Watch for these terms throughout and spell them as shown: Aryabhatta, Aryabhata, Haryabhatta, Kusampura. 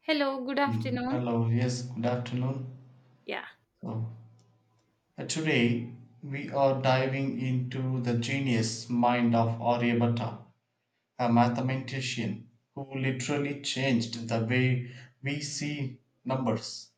Hello, good Mm. afternoon. Hello, yes, good afternoon. Yeah. So, today we are diving into the genius mind of Aryabhatta, a mathematician who literally changed the way we see numbers.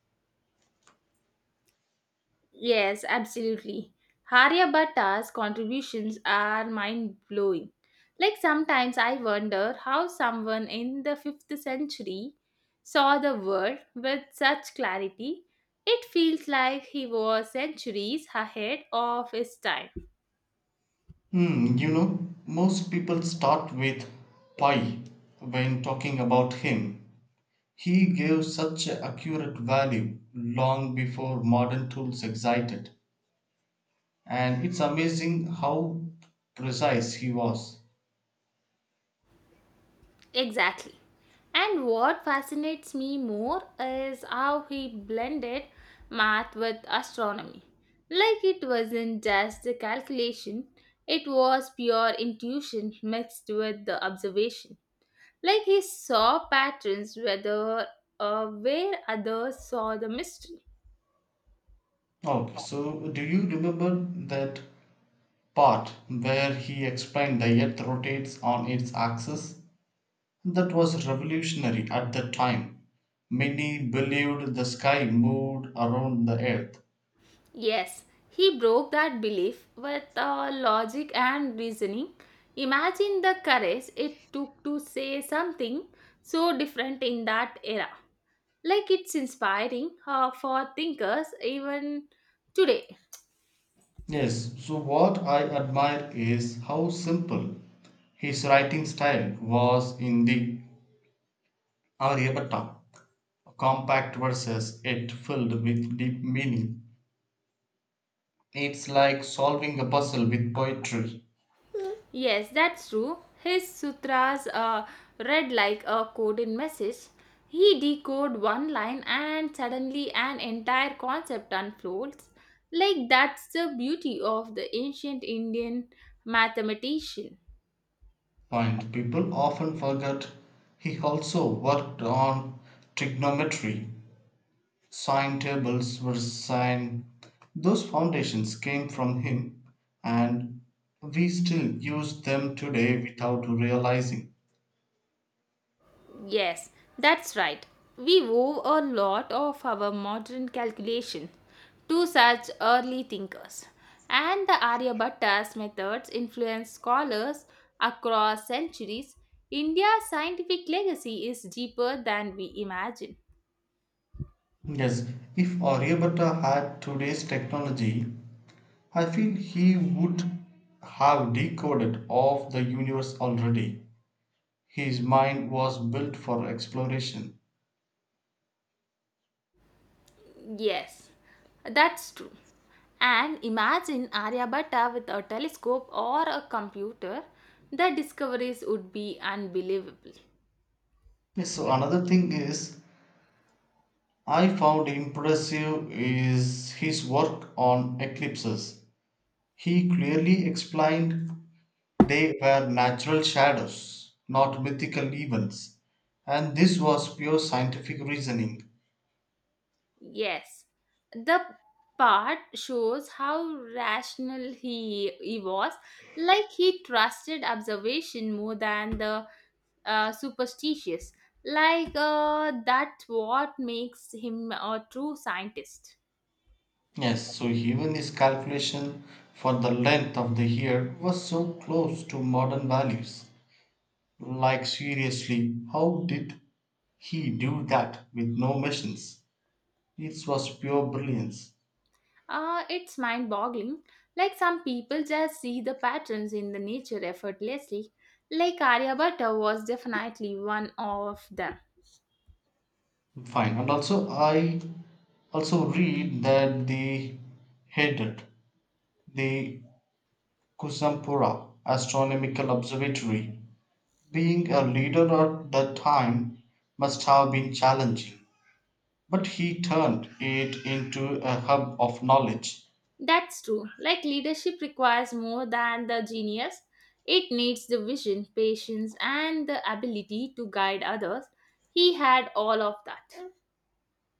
Yes, absolutely. Haryabhatta's contributions are mind blowing. Like sometimes I wonder how someone in the 5th century saw the world with such clarity. It feels like he was centuries ahead of his time. Most people start with pi when talking about him. He gave such a accurate value long before modern tools existed, and it's amazing how precise he was. Exactly. And what fascinates me more is how he blended math with astronomy. Like it wasn't just a calculation, it was pure intuition mixed with the observation. Like he saw patterns whether where others saw the mystery. Okay, so do you remember that part where he explained the earth rotates on its axis? That was revolutionary at the time. Many believed the sky moved around the earth. Yes, he broke that belief with logic and reasoning. Imagine the courage it took to say something so different in that era. Like it's inspiring for thinkers even today. Yes, so what I admire is how simple his writing style was in the Aryabhatta, compact verses, yet filled with deep meaning. It's like solving a puzzle with poetry. Yes, that's true. His sutras read like a coded message. He decode one line and suddenly an entire concept unfolds. Like that's the beauty of the ancient Indian mathematician. Point. People often forget he also worked on trigonometry. Sine tables were sine. Those foundations came from him, and we still use them today without realizing. Yes, that's right. We owe a lot of our modern calculation to such early thinkers, and the Aryabhatta's methods influenced scholars across centuries. India's scientific legacy is deeper than we imagine. Yes, if Aryabhatta had today's technology, I feel he would have decoded of the universe already. His mind was built for exploration. Yes, that's true. And imagine Aryabhatta with a telescope or a computer, the discoveries would be unbelievable. Yes, so another thing is I found impressive is his work on eclipses. He clearly explained they were natural shadows, not mythical events, and this was pure scientific reasoning. Yes, the part shows how rational he was, like he trusted observation more than the superstitious. Like that's what makes him a true scientist. Yes, so even his calculation for the length of the year was so close to modern values. Like, seriously, how did he do that with no machines? It was pure brilliance. It's mind boggling. Like some people just see the patterns in the nature effortlessly. Like Aryabhatta was definitely one of them. Fine, and also I also read that they headed the Kusampura astronomical observatory. Being a leader at that time must have been challenging, but he turned it into a hub of knowledge. That's true. Like leadership requires more than the genius, it needs the vision, patience, and the ability to guide others. He had all of that.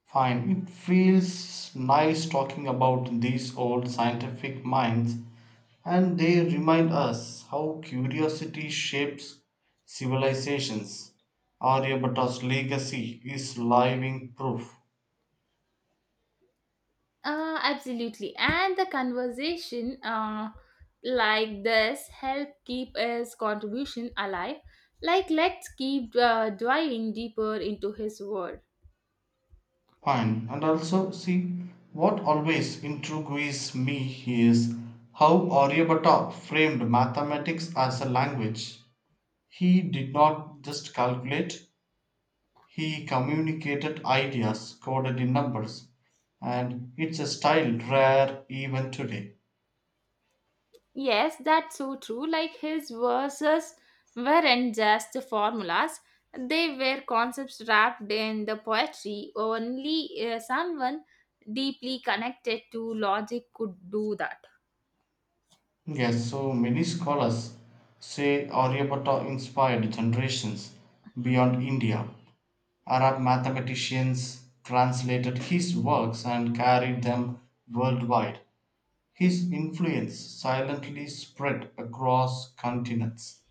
Fine. It feels nice talking about these old scientific minds, and they remind us how curiosity shapes civilizations. Aryabhata's legacy is living proof. Absolutely. And the conversation like this help keep his contribution alive. Like let's keep diving deeper into his world. Fine. And also, see, what always intrigues me is how Aryabhata framed mathematics as a language. He did not just calculate. He communicated ideas coded in numbers, and it's a style rare even today. Yes, that's so true. Like his verses weren't just formulas, they were concepts wrapped in the poetry. Only someone deeply connected to logic could do that. Yes, so many scholars say Aryabhatta inspired generations beyond India. Arab mathematicians translated his works and carried them worldwide. His influence silently spread across continents.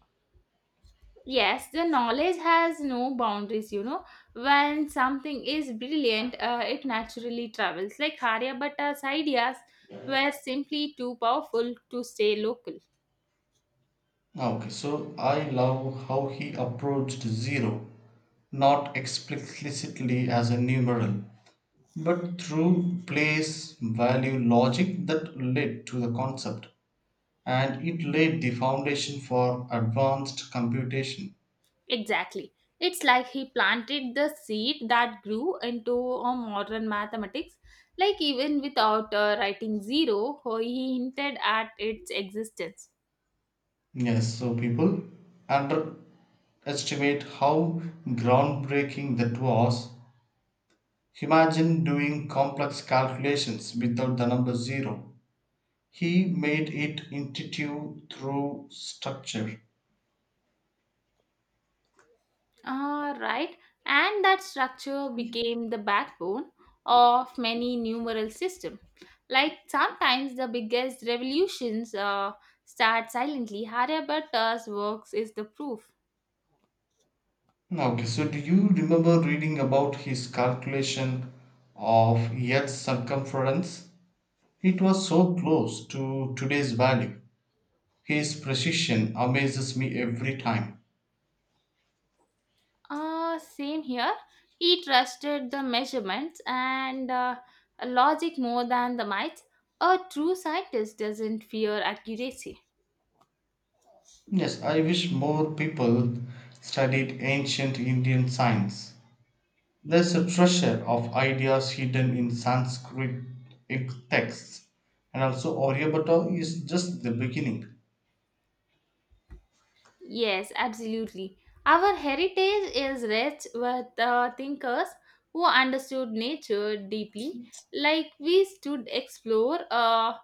Yes, the knowledge has no boundaries, you know. When something is brilliant, it naturally travels. Like Haryabhata's ideas were simply too powerful to stay local. Ah, okay, so I love how he approached zero, not explicitly as a numeral, but through place value logic that led to the concept, and it laid the foundation for advanced computation. Exactly. It's like he planted the seed that grew into a modern mathematics. Like even without writing zero, he hinted at its existence. Yes, so people underestimate how groundbreaking that was. Imagine doing complex calculations without the number zero. He made it intuitive through structure. Ah, right. And that structure became the backbone of many numeral systems. Like sometimes the biggest revolutions start silently. Haryabhata's works is the proof. Okay, so do you remember reading about his calculation of Earth's circumference? It was so close to today's value. His precision amazes me every time. Same here. He trusted the measurements and logic more than the might. A true scientist doesn't fear accuracy. Yes, I wish more people studied ancient Indian science. There's a treasure of ideas hidden in Sanskrit texts, and also Aryabhatta is just the beginning. Yes, absolutely. Our heritage is rich with thinkers who understood nature deeply. Like we stood explore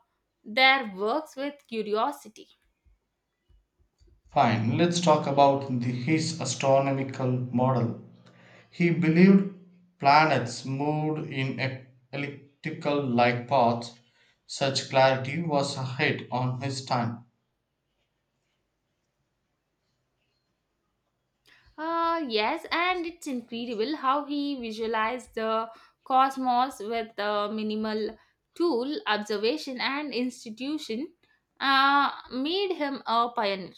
their works with curiosity. Fine, let's talk about his astronomical model. He believed planets moved in elliptical like paths. Such clarity was ahead on his time. Yes, and it's incredible how he visualized the cosmos with the minimal tool, observation, and institution made him a pioneer.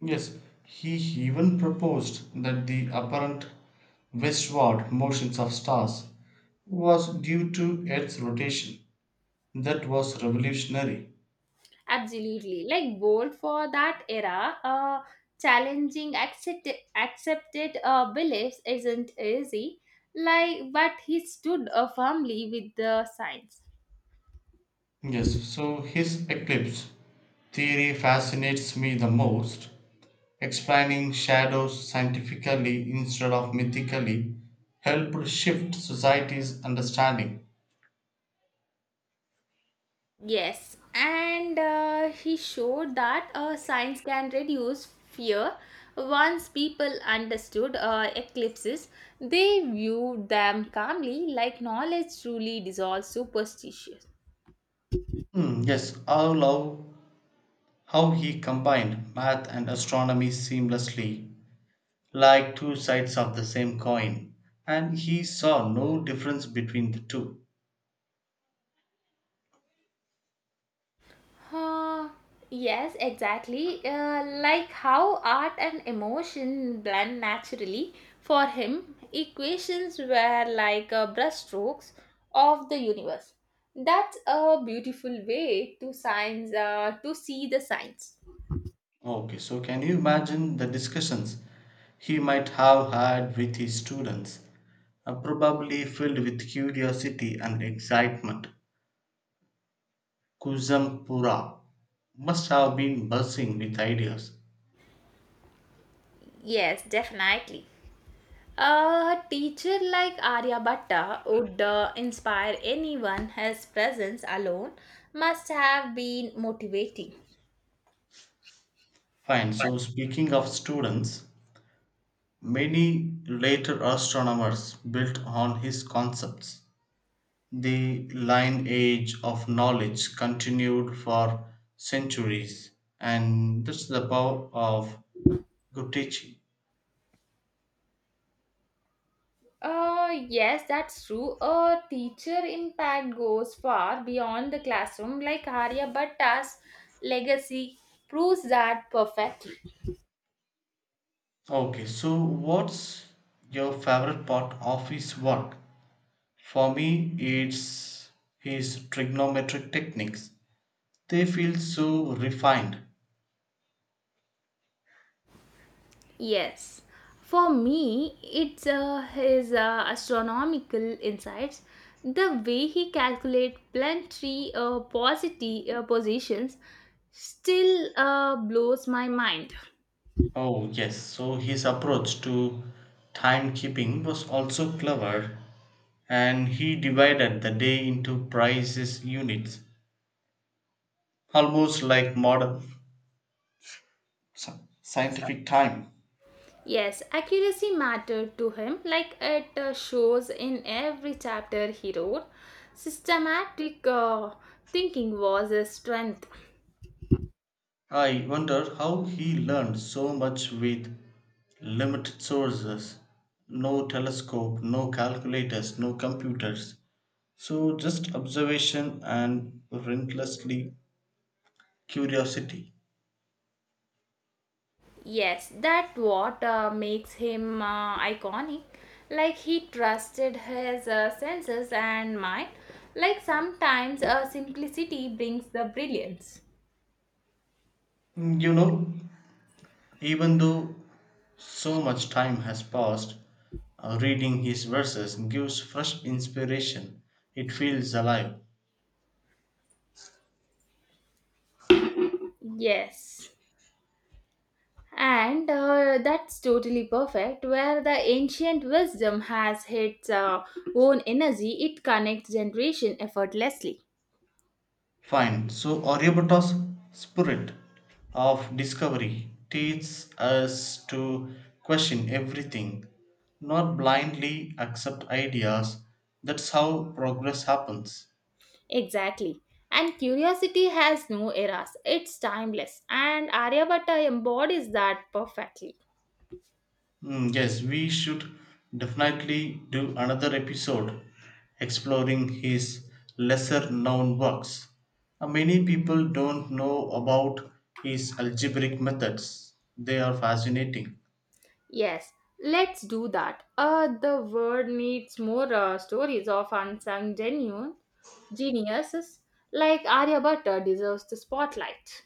Yes, he even proposed that the apparent westward motions of stars was due to Earth's rotation. That was revolutionary. Absolutely. Like bold for that era, challenging accepted beliefs isn't easy. Like, but he stood firmly with the science. Yes, so his eclipse theory fascinates me the most. Explaining shadows scientifically instead of mythically helped shift society's understanding. Yes, and he showed that science can reduce fear. Once people understood eclipses, they viewed them calmly, like knowledge truly dissolves superstition. Hmm, yes, I love how he combined math and astronomy seamlessly, like two sides of the same coin, and he saw no difference between the two. Uh, yes, exactly. Like how art and emotion blend naturally. For him, equations were like brushstrokes of the universe. That's a beautiful way to science to see the science. Okay, so can you imagine the discussions he might have had with his students, probably filled with curiosity and excitement? Kusampura must have been buzzing with ideas. Yes, definitely. A teacher like Aryabhatta would inspire anyone. His presence alone must have been motivating. Fine, so speaking of students, many later astronomers built on his concepts. The lineage of knowledge continued for centuries, and that's the power of good teaching. Yes, that's true. A teacher impact goes far beyond the classroom, like Arya Bhatta's legacy proves that perfectly. Okay, so what's your favorite part of his work? For me, it's his trigonometric techniques. They feel so refined. Yes. For me, it's his astronomical insights, the way he calculates planetary positions still blows my mind. Oh, yes, so his approach to timekeeping was also clever, and he divided the day into precise units, almost like modern scientific time. Yes, accuracy mattered to him, like it shows in every chapter he wrote. Systematic thinking was his strength. I wonder how he learned so much with limited sources, no telescope, no calculators, no computers. So, just observation and relentlessly curiosity. Yes, that what makes him iconic. Like he trusted his senses and mind. Like sometimes simplicity brings the brilliance. Mm, You know, even though so much time has passed, reading his verses gives fresh inspiration. It feels alive. Yes. And that's totally perfect. Where the ancient wisdom has its own energy, it connects generation effortlessly. Fine. So, Aryabhata's spirit of discovery teaches us to question everything, not blindly accept ideas. That's how progress happens. Exactly. And curiosity has no eras. It's timeless. And Aryabhatta embodies that perfectly. Mm, yes, we should definitely do another episode exploring his lesser known works. Many people don't know about his algebraic methods, they are fascinating. Yes, let's do that. The world needs more stories of unsung genuine geniuses like Aryabhatta deserves the spotlight.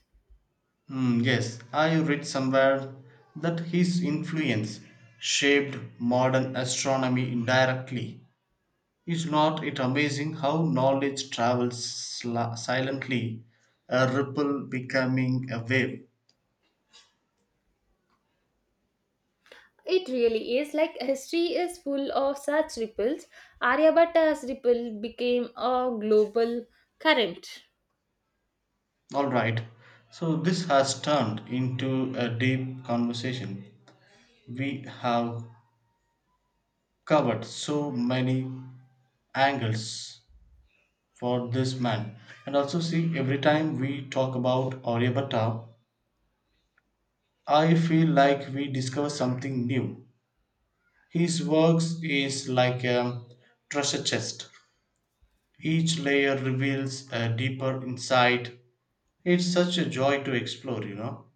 Hmm. Yes, I read somewhere that his influence shaped modern astronomy indirectly. Is not it amazing how knowledge travels silently, a ripple becoming a wave? It really is like history is full of such ripples. Aryabhatta's ripple became a global current. All right. So this has turned into a deep conversation. We have covered so many angles for this man. And also see every time we talk about Aryabhatta, I feel like we discover something new. His works is like a treasure chest. Each layer reveals a deeper insight. It's such a joy to explore.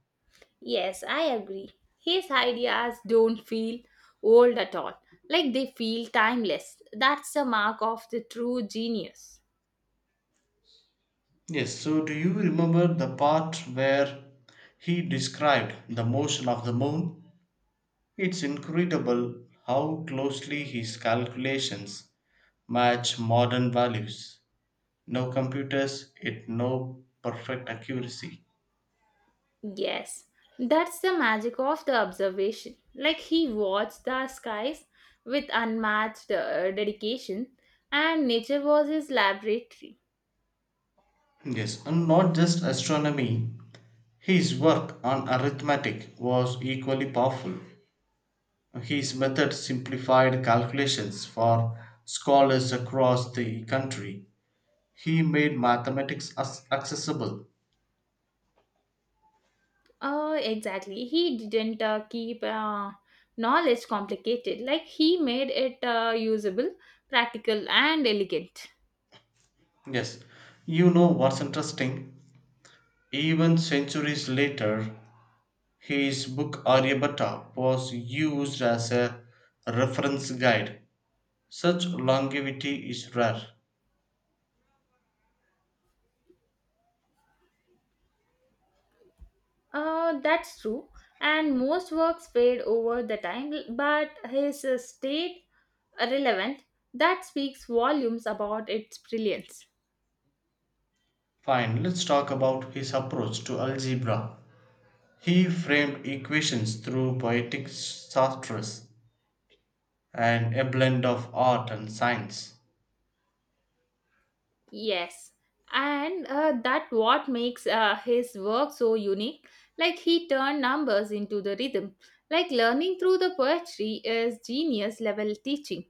Yes, I agree. His ideas don't feel old at all, like they feel timeless. That's the mark of the true genius. Yes, so do you remember the part where he described the motion of the moon? It's incredible how closely his calculations match modern values. No computers, it no perfect accuracy. Yes, that's the magic of the observation. Like he watched the skies with unmatched dedication, and nature was his laboratory. Yes, and not just astronomy. His work on arithmetic was equally powerful. His method simplified calculations for scholars across the country. He made mathematics as accessible. Oh, exactly. He didn't keep knowledge complicated. Like he made it usable, practical, and elegant. Yes, you know what's interesting? Even centuries later, his book Aryabhatta was used as a reference guide. Such longevity is rare. That's true. And most works fade over the time, but his stayed relevant. That speaks volumes about its brilliance. Fine, let's talk about his approach to algebra. He framed equations through poetic sartres and a blend of art and science. Yes, and that what makes his work so unique. Like he turned numbers into the rhythm. Like learning through the poetry is genius level teaching.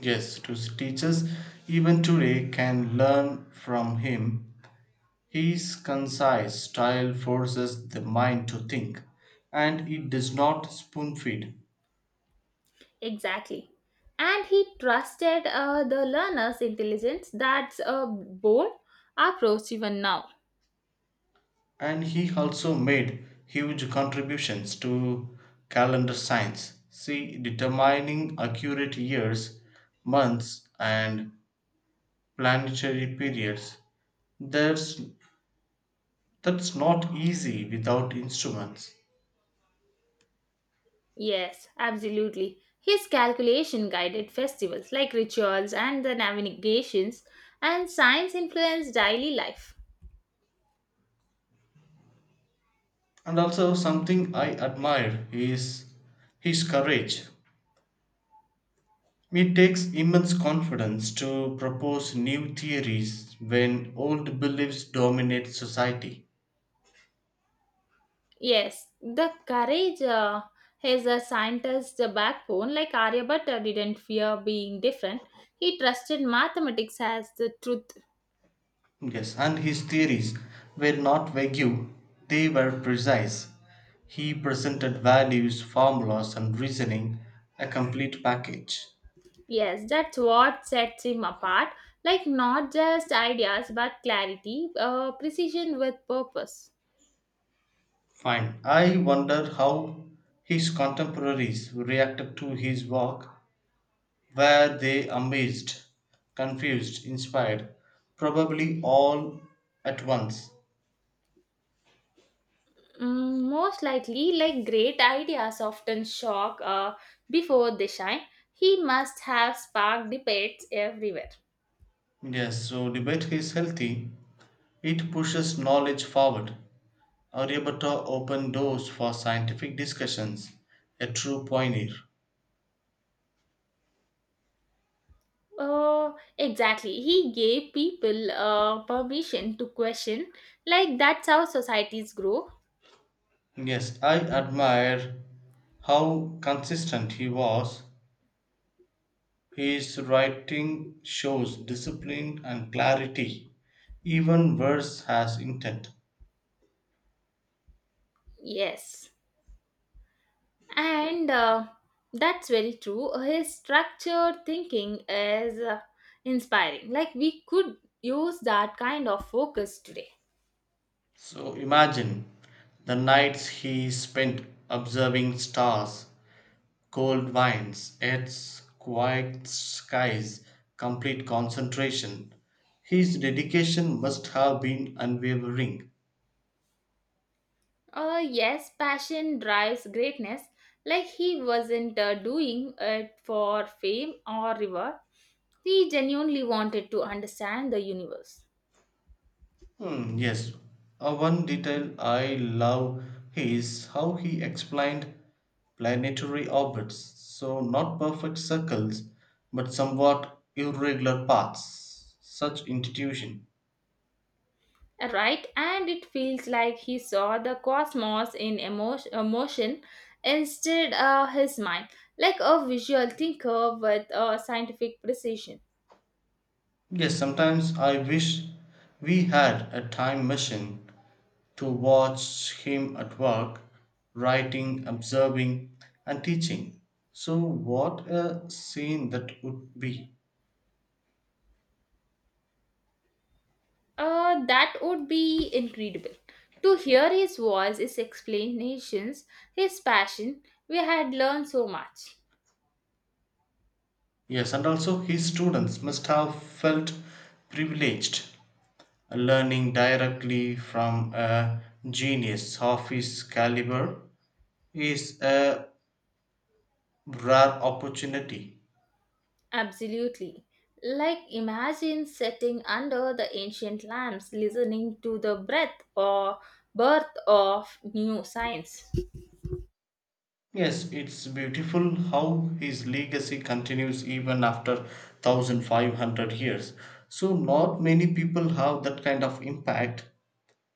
Yes, to teachers even today can learn from him. His concise style forces the mind to think, and it does not spoon feed. Exactly. And he trusted the learner's intelligence. That's a bold approach even now. And he also made huge contributions to calendar science, see determining accurate years, months, and planetary periods. That's that's not easy without instruments. Yes, absolutely. His calculation guided festivals like rituals and the navigations, and science influenced daily life. And also something I admire is his courage. It takes immense confidence to propose new theories when old beliefs dominate society. Yes, the courage is a scientist's backbone. Like Aryabhatta didn't fear being different. He trusted mathematics as the truth. Yes, and his theories were not vague, they were precise. He presented values, formulas, and reasoning, a complete package. Yes, that's what sets him apart. Like not just ideas, but clarity, precision with purpose. Fine. I wonder how his contemporaries reacted to his work. Were they amazed, confused, inspired? Probably all at once. Mm, most likely, like great ideas often shock before they shine. He must have sparked debates everywhere. Yes, so debate is healthy. It pushes knowledge forward. Aryabhatta opened doors for scientific discussions, a true pioneer. Exactly. He gave people permission to question. Like, that's how societies grow. Yes, I admire how consistent he was. His writing shows discipline and clarity. Even verse has intent. Yes. And that's very true. His structured thinking is inspiring. Like, we could use that kind of focus today. So imagine the nights he spent observing stars. Cold wines, yachts, quiet skies, complete concentration. His dedication must have been unwavering. Yes, passion drives greatness. Like, he wasn't doing it for fame or reward, he genuinely wanted to understand the universe. Hmm, yes, one detail I love is how he explained planetary orbits. So, not perfect circles, but somewhat irregular paths. Such intuition. Right, and it feels like he saw the cosmos in emotion instead of his mind, like a visual thinker with a scientific precision. Yes, sometimes I wish we had a time machine to watch him at work, writing, observing, and teaching. So, what a scene that would be! That would be incredible. To hear his voice, his explanations, his passion, we had learned so much. Yes, and also his students must have felt privileged, learning directly from a genius of his caliber, is a rare opportunity. Absolutely. Like imagine sitting under the ancient lamps listening to the breath or birth of new science. Yes, it's beautiful how his legacy continues even after 1500 years. So, not many people have that kind of impact.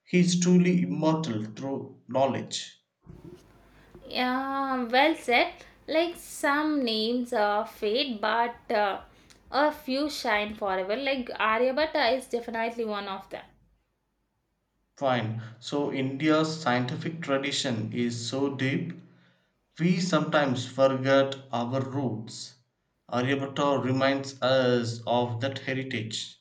He is truly immortal through knowledge. Yeah, well said. Like some names are fade, but a few shine forever. Like Aryabhatta is definitely one of them. Fine. So, India's scientific tradition is so deep, we sometimes forget our roots. Aryabhatta reminds us of that heritage.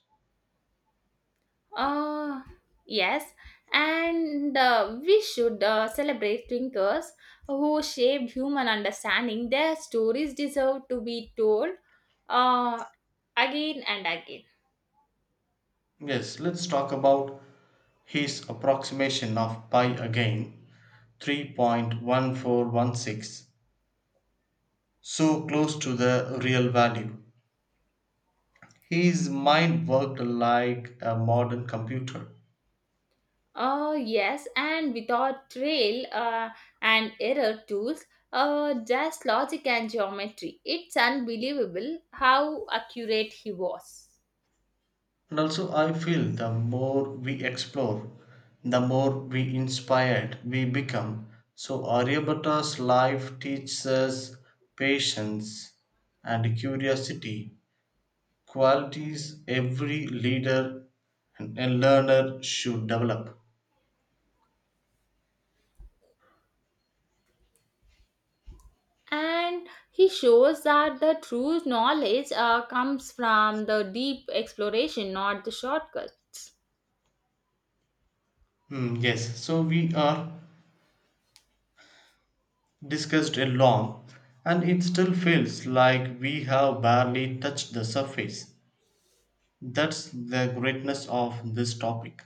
Uh, yes, and we should celebrate thinkers who shaped human understanding. Their stories deserve to be told uh, again and again. Yes, let's talk about his approximation of pi again, 3.1416, so close to the real value. His mind worked like a modern computer. Yes, and without trail and error tools, just logic and geometry. It's unbelievable how accurate he was. And also, I feel the more we explore, the more we inspired we become. So, Aryabhata's life teaches us patience and curiosity, qualities every leader and learner should develop. And he shows that the true knowledge comes from the deep exploration, not the shortcuts. Hmm, yes, so we are discussed a long, and it still feels like we have barely touched the surface. That's the greatness of this topic.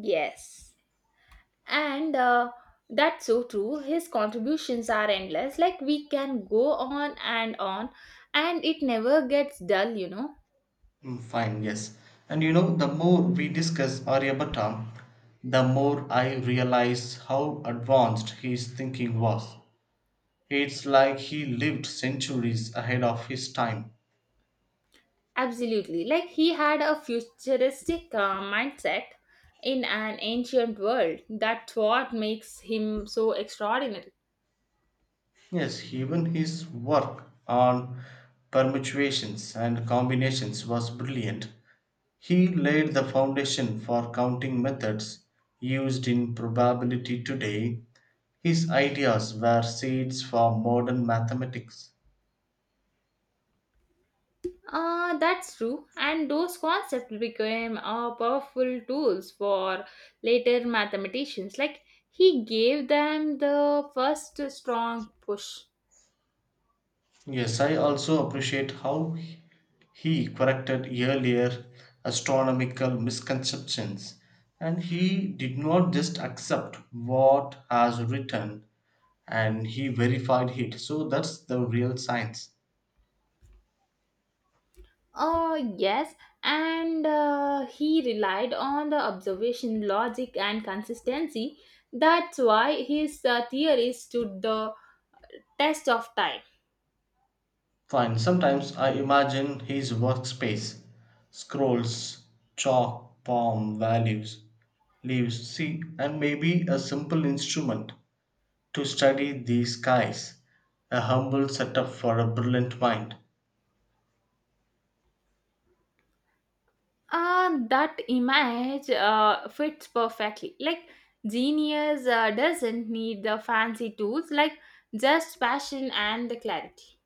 Yes. And that's so true. His contributions are endless, like we can go on and on, and it never gets dull, you know. Hmm, fine, yes. And the more we discuss Aryabhatta, the more I realize how advanced his thinking was. It's like he lived centuries ahead of his time. Absolutely, like he had a futuristic mindset in an ancient world. That's what makes him so extraordinary. Yes, even his work on permutations and combinations was brilliant. He laid the foundation for counting methods used in probability today. His ideas were seeds for modern mathematics. That's true, and those concepts became powerful tools for later mathematicians. Like he gave them the first strong push. Yes, I also appreciate how he corrected earlier astronomical misconceptions, and he did not just accept what has written, and he verified it. So that's the real science. Yes, and he relied on the observation, logic, and consistency. That's why his theories stood the test of time. Fine, sometimes I imagine his workspace, scrolls, chalk, palm, values, leaves, see, and maybe a simple instrument to study the skies, a humble setup for a brilliant mind. That image fits perfectly. Like, genius doesn't need the fancy tools, like, just passion and the clarity.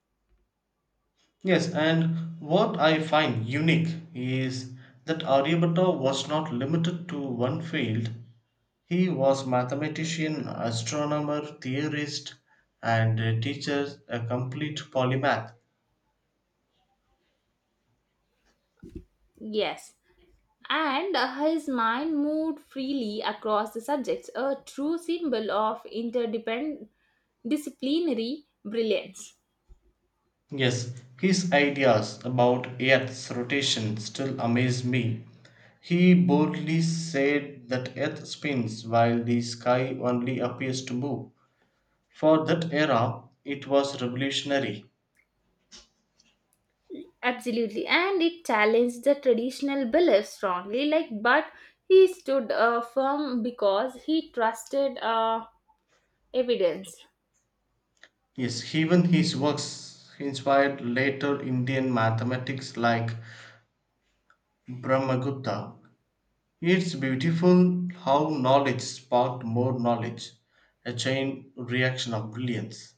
Yes, and what I find unique is that Aryabhatta was not limited to one field. He was mathematician, astronomer, theorist, and a teacher, a complete polymath. Yes. And his mind moved freely across the subjects, a true symbol of interdependent disciplinary brilliance. Yes, his ideas about Earth's rotation still amaze me. He boldly said that Earth spins while the sky only appears to move. For that era, it was revolutionary. Absolutely. And it challenged the traditional beliefs strongly, like, but he stood firm because he trusted evidence. Yes, even his works inspired later Indian mathematics like Brahmagupta. It's beautiful how knowledge sparked more knowledge, a chain reaction of brilliance.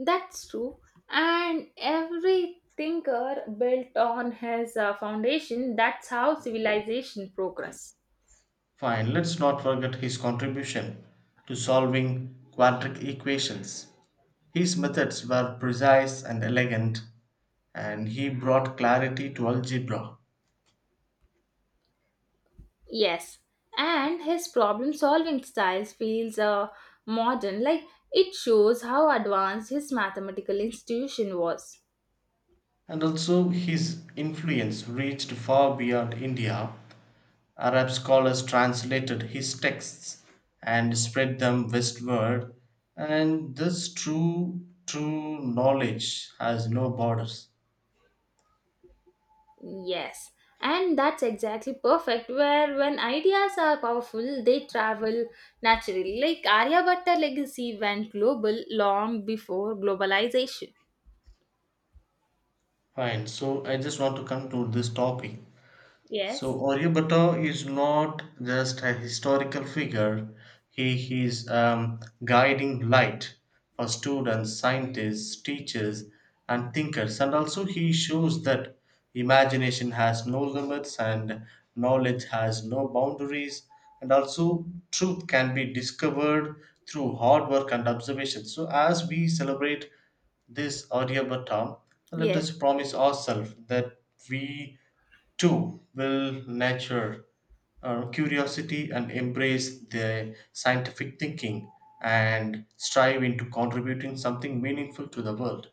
That's true. And every thinker built on his foundation, that's how civilization progress. Fine, let's not forget his contribution to solving quadratic equations. His methods were precise and elegant, and he brought clarity to algebra. Yes. And his problem solving style feels modern, like it shows how advanced his mathematical institution was. And also, his influence reached far beyond India. Arab scholars translated his texts and spread them westward, and this true knowledge has no borders. Yes. And that's exactly perfect where when ideas are powerful, they travel naturally. Like Aryabhatta legacy went global long before globalization. Fine, so I just want to conclude this topic. So Yes. Aryabhatta is not just a historical figure, he is a guiding light for students, scientists, teachers, and thinkers. And also, he shows that imagination has no limits and knowledge has no boundaries. And also, truth can be discovered through hard work and observation. So, as we celebrate this Aryabhatta, let us Yes, promise ourselves that we 2 will nurture curiosity and embrace the scientific thinking and strive into contributing something meaningful to the world.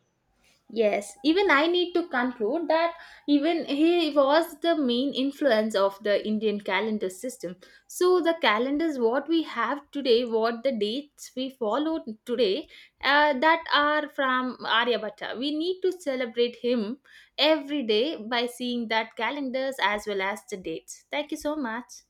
yes. Even I need to conclude that even he was the main influence of the Indian calendar system. So the calendars what we have today, what the dates we follow today, that are from Aryabhatta. We need to celebrate him every day by seeing that calendars as well as the dates. Thank you so much.